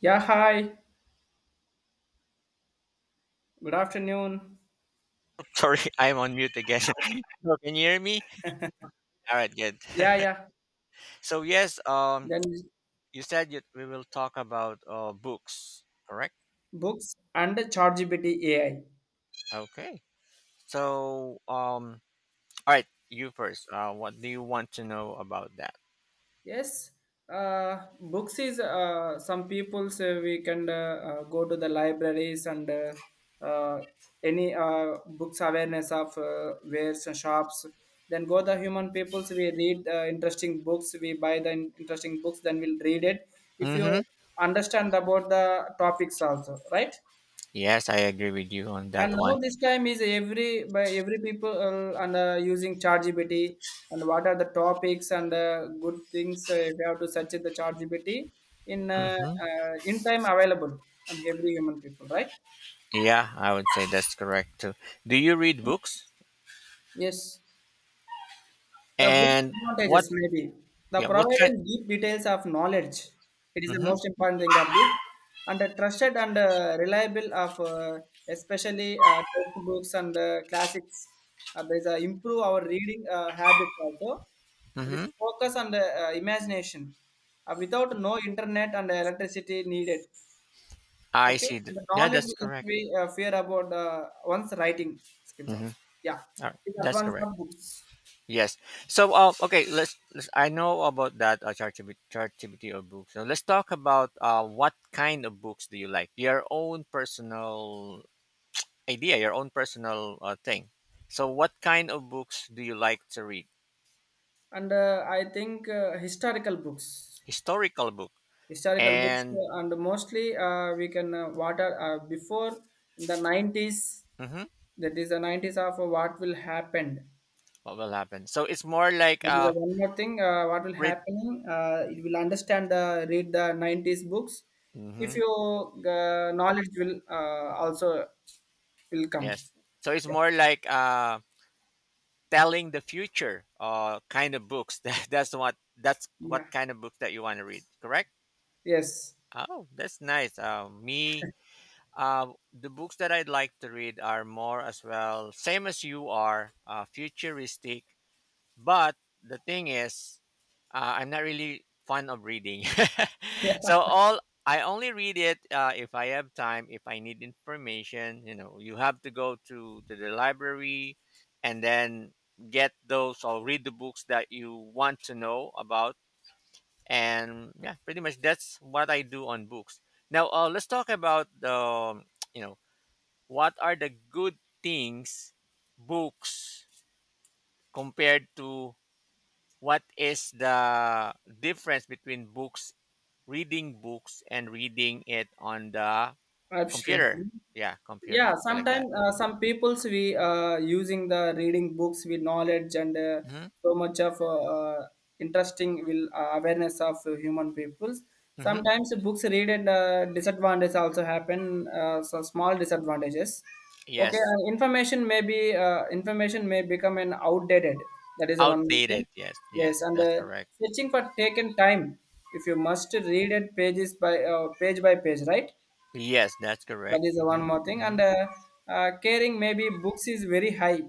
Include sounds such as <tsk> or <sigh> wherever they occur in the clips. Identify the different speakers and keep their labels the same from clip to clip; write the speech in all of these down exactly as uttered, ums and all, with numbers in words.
Speaker 1: Yeah, hi. Good afternoon.
Speaker 2: Sorry, <laughs> I'm on mute again. <laughs> So can you hear me? All right, good.
Speaker 1: Yeah,
Speaker 2: <laughs>
Speaker 1: yeah.
Speaker 2: so yes, um,
Speaker 1: Then
Speaker 2: you said you, we will talk about uh, books, correct?
Speaker 1: books and ChatGPT A I.
Speaker 2: Okay. So um, all right, you first. Uh, what do you want to know about that?
Speaker 1: Yes. Uh, books is uh, some people's uh, we can uh, uh, go to the libraries and uh, uh, any uh, books awareness of uh, wares and shops. Then go the human peoples. We read uh, interesting books. We buy the in- interesting books. Then we'll read it. If
Speaker 2: Mm-hmm.
Speaker 1: you understand about the topics also, right?
Speaker 2: Yes, I agree with you on
Speaker 1: And
Speaker 2: that
Speaker 1: now
Speaker 2: one.
Speaker 1: this time is every by every people uh, and uh, using ChatGPT and what are the topics and uh, good things uh, if you have to search in the ChatGPT in uh,
Speaker 2: Mm-hmm.
Speaker 1: uh, in time available and every human people right,
Speaker 2: Yeah, I would say that's correct too. Do you read books?
Speaker 1: yes. The book's
Speaker 2: And what?
Speaker 1: advantages, maybe. The
Speaker 2: Yeah, what kind?
Speaker 1: providing deep details of knowledge. It is the
Speaker 2: Mm-hmm.
Speaker 1: most important thing of book. And the trusted and uh, reliable of uh, especially uh, textbooks and uh, classics. Uh, there is a improve our reading uh, habit also. It is
Speaker 2: Mm-hmm.
Speaker 1: focus on the uh, imagination. Uh, without no internet and electricity needed.
Speaker 2: I
Speaker 1: Okay,
Speaker 2: see. th-
Speaker 1: the
Speaker 2: Yeah,
Speaker 1: knowledge
Speaker 2: that's
Speaker 1: that
Speaker 2: correct.
Speaker 1: we uh, fear about uh, one's writing skills
Speaker 2: Mm-hmm.
Speaker 1: also. Yeah,
Speaker 2: All right,
Speaker 1: the
Speaker 2: that's
Speaker 1: advance
Speaker 2: correct.
Speaker 1: of books.
Speaker 2: Yes. So, uh, okay, let's, let's. I know about that uh, ChatGPT ChatGPT or books. So let's talk about uh, what kind of books do you like? Your own personal idea, your own personal uh, thing. So, what kind of books do you like to read?
Speaker 1: And uh, I think uh, historical books,
Speaker 2: Historical book.
Speaker 1: historical books,
Speaker 2: And
Speaker 1: uh, and mostly uh, we can uh, what are uh, before in the nineties.
Speaker 2: hmm,
Speaker 1: That is the nineties of uh, what will happen.
Speaker 2: what will happen? So it's more like
Speaker 1: That is the
Speaker 2: uh,
Speaker 1: one more thing. Uh, what will
Speaker 2: read.
Speaker 1: happening? Uh, you will understand. The read the nineties books. If
Speaker 2: Hmm.
Speaker 1: your uh, knowledge will uh, also will come.
Speaker 2: Yes. So it's
Speaker 1: Yeah.
Speaker 2: more like uh, telling the future uh, kind of books. <laughs> That, that's what that's what
Speaker 1: Yeah.
Speaker 2: kind of books that you want to read. Correct.
Speaker 1: Yes.
Speaker 2: Oh, that's nice. Uh, me, uh, the books that I'd like to read are more as well, same as you are, uh, futuristic. But the thing is, uh, I'm not really fond of reading.
Speaker 1: <laughs>
Speaker 2: <laughs> so
Speaker 1: Yeah.
Speaker 2: all I only read it uh, if I have time, if I need information. You know, you have to go to, to the library, and then get those or read the books that you want to know about. And yeah, pretty much that's what I do on books. Now uh, let's talk about the <tsk> you know what are the good things. Books compared to, what is the difference between books, reading books and reading it on the
Speaker 1: Absolutely.
Speaker 2: computer? Yeah,
Speaker 1: Yeah,
Speaker 2: computer, something like
Speaker 1: sometimes
Speaker 2: that.
Speaker 1: uh,
Speaker 2: Hmm.
Speaker 1: some peoples we uh, using the reading books with knowledge and uh,
Speaker 2: Hmm.
Speaker 1: so much of uh, uh, interesting will uh, awareness of uh, human peoples.
Speaker 2: Hmm.
Speaker 1: Sometimes the books read and uh, disadvantage also happen uh, so small disadvantages. Okay,
Speaker 2: Yes.
Speaker 1: and information may be uh, information may become an outdated. That is the one thing.
Speaker 2: Outdated, yes, yes,
Speaker 1: Yes, and
Speaker 2: that's
Speaker 1: uh,
Speaker 2: correct.
Speaker 1: searching for taken time, if you must read it pages by uh, page by page, right?
Speaker 2: Yes, that's
Speaker 1: That
Speaker 2: correct.
Speaker 1: is the one
Speaker 2: Hmm.
Speaker 1: more thing.
Speaker 2: Hmm.
Speaker 1: And uh, uh, carrying maybe books is very high,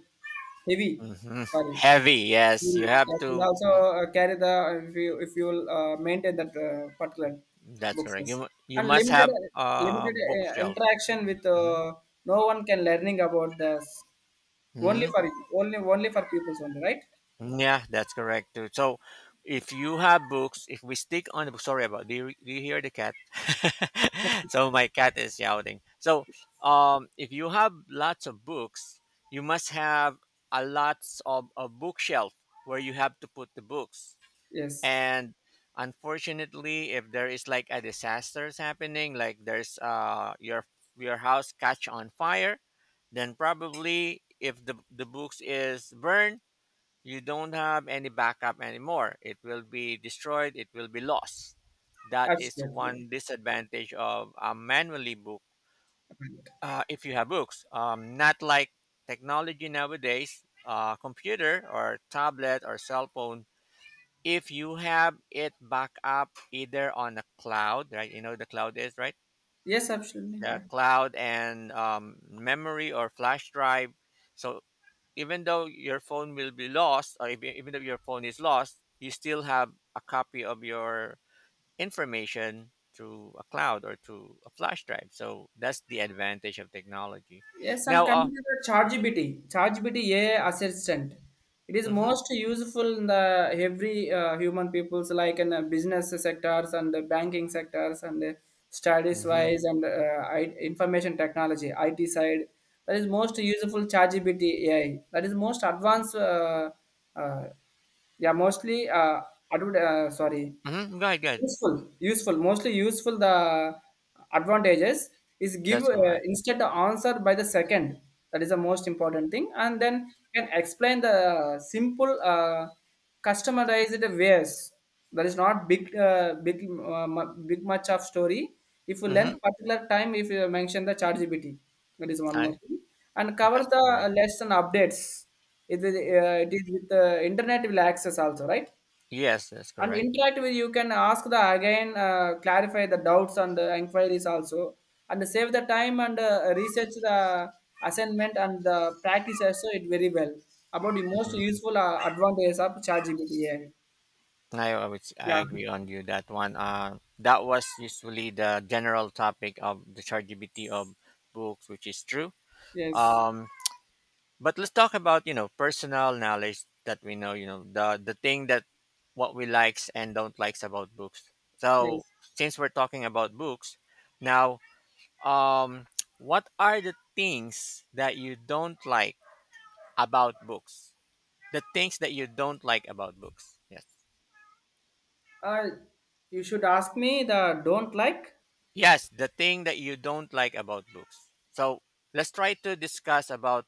Speaker 1: heavy.
Speaker 2: Hmm.
Speaker 1: Sorry.
Speaker 2: <laughs> Heavy, yes,
Speaker 1: Mm,
Speaker 2: you have
Speaker 1: yes, and
Speaker 2: to.
Speaker 1: also uh, carry the, if you if you uh, maintain that uh, particular
Speaker 2: That's
Speaker 1: books,
Speaker 2: correct.
Speaker 1: yes.
Speaker 2: You mu- you
Speaker 1: And
Speaker 2: must
Speaker 1: limited,
Speaker 2: have a
Speaker 1: limited uh,
Speaker 2: bookshelf.
Speaker 1: interaction with uh, no one can learning about the s- only
Speaker 2: Mm-hmm.
Speaker 1: for,
Speaker 2: Hmm.
Speaker 1: only only for pupils only, right?
Speaker 2: Yeah, that's correct too. So, if you have books, if we stick on the book, sorry about. Do you do you hear the cat? <laughs> So my cat is shouting. So, um, if you have lots of books, you must have a lots of a bookshelf where you have to put the books.
Speaker 1: Yes,
Speaker 2: And unfortunately, if there is like a disasters happening, like there's uh, your your house catch on fire, then probably if the the books is burned, you don't have any backup anymore. It will be destroyed, it will be lost. That is
Speaker 1: absolutely.
Speaker 2: one disadvantage of a manually book.
Speaker 1: Right.
Speaker 2: Uh, if you have books, um, not like technology nowadays, uh, computer or tablet or cell phone, if you have it back up either on a cloud, right? You know the cloud is right,
Speaker 1: Yes, absolutely,
Speaker 2: the
Speaker 1: yeah.
Speaker 2: cloud, and um, memory or flash drive. So even though your phone will be lost, or if, even though your phone is lost, you still have a copy of your information through a cloud or through a flash drive. So that's the advantage of technology.
Speaker 1: Yes, and
Speaker 2: Now, uh,
Speaker 1: coming to the ChatGPT, ChatGPT A I assistant, it is
Speaker 2: mm-hmm.
Speaker 1: most useful in the every uh, human people's, like in uh, business sectors and the banking sectors and uh, studies
Speaker 2: Mm-hmm.
Speaker 1: wise and uh, I- information technology I T side. That is most useful ChatGPT A I. That is most advanced. Uh, uh, yeah, mostly uh, adver- uh, sorry.
Speaker 2: Mm-hmm, go ahead, go ahead.
Speaker 1: Useful, useful, mostly useful. The advantages is give
Speaker 2: That's
Speaker 1: uh,
Speaker 2: correct.
Speaker 1: instead the answer by the second. That is the most important thing, and then you can explain the simple, uh, customized ways. That is not big, uh, big, uh, mu- big much of story. If you learn
Speaker 2: Mm-hmm.
Speaker 1: particular time, if you mention the chat G P T, that is one more
Speaker 2: I,
Speaker 1: thing, and cover
Speaker 2: that's
Speaker 1: the
Speaker 2: correct.
Speaker 1: lesson updates. It is, uh, it is with the internet will access also, right?
Speaker 2: Yes, that's
Speaker 1: And
Speaker 2: correct.
Speaker 1: interact with, you can ask the again, uh, clarify the doubts and the inquiries also, and save the time and uh, research the assignment and the practice also it very well about the most
Speaker 2: Mm-hmm.
Speaker 1: useful uh, advantages of ChatGPT A I.
Speaker 2: I I would I
Speaker 1: Yeah.
Speaker 2: agree on you that one. Uh, that was usually the general topic of the ChatGPT of books, which is true.
Speaker 1: Yes.
Speaker 2: Um, but let's talk about, you know, personal knowledge that we know. You know the the thing that what we likes and don't likes about books. So
Speaker 1: Yes.
Speaker 2: since we're talking about books now, um, what are the things that you don't like about books? The things that you don't like about books. Yes.
Speaker 1: Uh, you should ask me the don't like.
Speaker 2: Yes, the thing that you don't like about books. So let's try to discuss about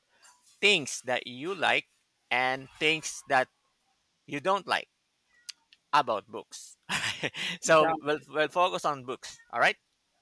Speaker 2: things that you like and things that you don't like about books. <laughs>
Speaker 1: Yeah.
Speaker 2: So we'll, we'll focus on books. All right.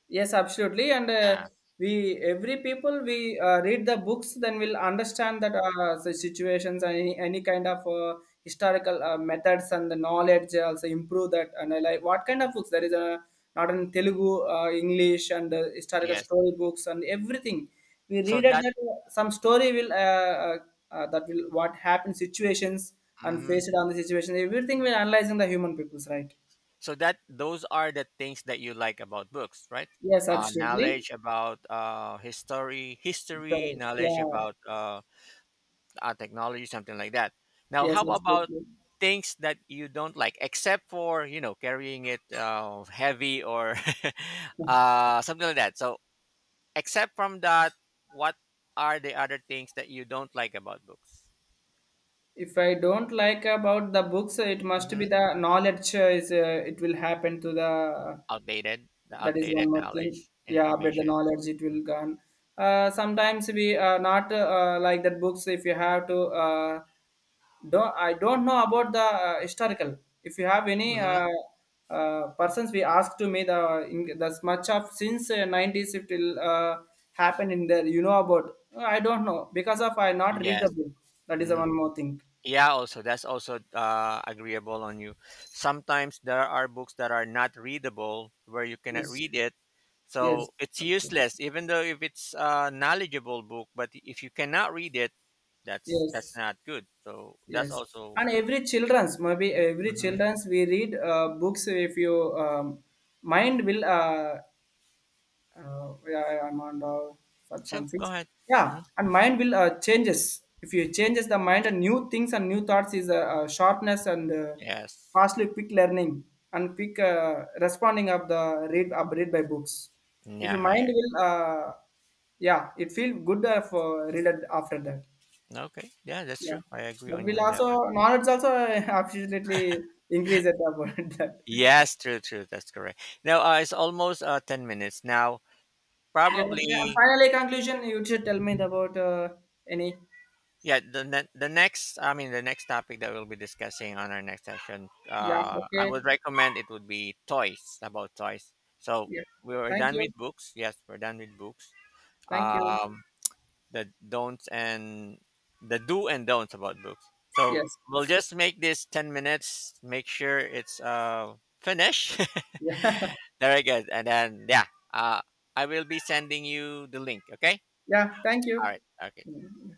Speaker 1: Yes, absolutely. And uh,
Speaker 2: Uh,
Speaker 1: we every people we uh, read the books, then we'll understand that uh, the situations and any, any kind of uh, historical uh, methods and the knowledge also improve that. And I like what kind of books, there is a not in Telugu, uh, English, and uh, historical
Speaker 2: yes.
Speaker 1: story books and everything. We
Speaker 2: So
Speaker 1: read it
Speaker 2: that,
Speaker 1: that uh, some story will uh, uh, uh, that will what happened situations and
Speaker 2: mhm.
Speaker 1: faced on the situation. Everything we're analyzing the human peoples, right?
Speaker 2: So that those are the things that you like about books, right?
Speaker 1: Yes,
Speaker 2: Uh,
Speaker 1: absolutely.
Speaker 2: knowledge about uh, history, history,
Speaker 1: Sorry.
Speaker 2: knowledge
Speaker 1: Yeah.
Speaker 2: about uh, uh, technology, something like that. Now,
Speaker 1: Yes,
Speaker 2: how about
Speaker 1: absolutely.
Speaker 2: things that you don't like, except for, you know, carrying it uh, heavy or <laughs> uh, something like that? So, except from that, what are the other things that you don't like about books?
Speaker 1: If I don't like about the books, it must be
Speaker 2: Hmm.
Speaker 1: the knowledge uh, is uh, it will happen to the,
Speaker 2: Outdated, the
Speaker 1: that is one
Speaker 2: outdated
Speaker 1: more thing.
Speaker 2: knowledge,
Speaker 1: Yeah, but the
Speaker 2: information.
Speaker 1: knowledge it will gone. Uh, sometimes we are not uh, like that books. If you have to uh, don't, I don't know about the uh, historical. If you have any
Speaker 2: Mm-hmm.
Speaker 1: uh, uh, persons, we ask to me the in this much of since uh, nineties it will uh, happen in there. You know about? uh, I don't know because of I not read the
Speaker 2: Yes.
Speaker 1: book. That is the one more thing.
Speaker 2: Yeah, also that's also uh, agreeable on you. Sometimes there are books that are not readable, where you cannot
Speaker 1: Yes,
Speaker 2: read it,
Speaker 1: yes,
Speaker 2: so it's
Speaker 1: absolutely.
Speaker 2: useless. Even though if it's a knowledgeable book, but if you cannot read it, that's that's
Speaker 1: Yes,
Speaker 2: not good. So that's
Speaker 1: yes.
Speaker 2: also.
Speaker 1: And every childrens, maybe every
Speaker 2: Hmm.
Speaker 1: childrens we read uh, books. If you um, mind will uh, uh, yeah, yeah, I'm on the
Speaker 2: So go
Speaker 1: five point six.
Speaker 2: ahead.
Speaker 1: Yeah,
Speaker 2: Hmm.
Speaker 1: and mind will uh, changes. If you changes the mind and new things and new thoughts is uh, uh, sharpness and uh,
Speaker 2: Yes.
Speaker 1: fastly quick learning and quick uh, responding of the read up read by books. If your
Speaker 2: Yeah. I,
Speaker 1: mind will, uh, yeah, it feel good uh, for read it after that.
Speaker 2: okay. Yeah, that's
Speaker 1: Yeah,
Speaker 2: true. I agree
Speaker 1: but
Speaker 2: on you
Speaker 1: will
Speaker 2: on that one.
Speaker 1: also knowledge also, uh, <laughs> absolutely increase at about <laughs> that.
Speaker 2: Yes, true, true. That's correct. Now uh, it's almost uh, ten minutes now.
Speaker 1: Yeah, okay. And
Speaker 2: Probably.
Speaker 1: finally, conclusion. You should tell me about uh, any.
Speaker 2: Yeah, the ne- the next, I mean, the next topic that we'll be discussing on our next session,
Speaker 1: Yeah,
Speaker 2: uh, I would
Speaker 1: okay.
Speaker 2: recommend it would be toys, about toys. So
Speaker 1: Yeah.
Speaker 2: we were
Speaker 1: Thank
Speaker 2: done with
Speaker 1: you.
Speaker 2: books. Yes, we're done with books.
Speaker 1: Thank you.
Speaker 2: Um, the don'ts and the do and don'ts about books. So
Speaker 1: Yes.
Speaker 2: we'll just make this ten minutes. Make sure it's uh finished.
Speaker 1: Yeah. <laughs>
Speaker 2: <laughs> Very good. And then yeah, uh, I will be sending you the link. Okay.
Speaker 1: Yeah, thank
Speaker 2: All
Speaker 1: you.
Speaker 2: right. Okay.
Speaker 1: Okay.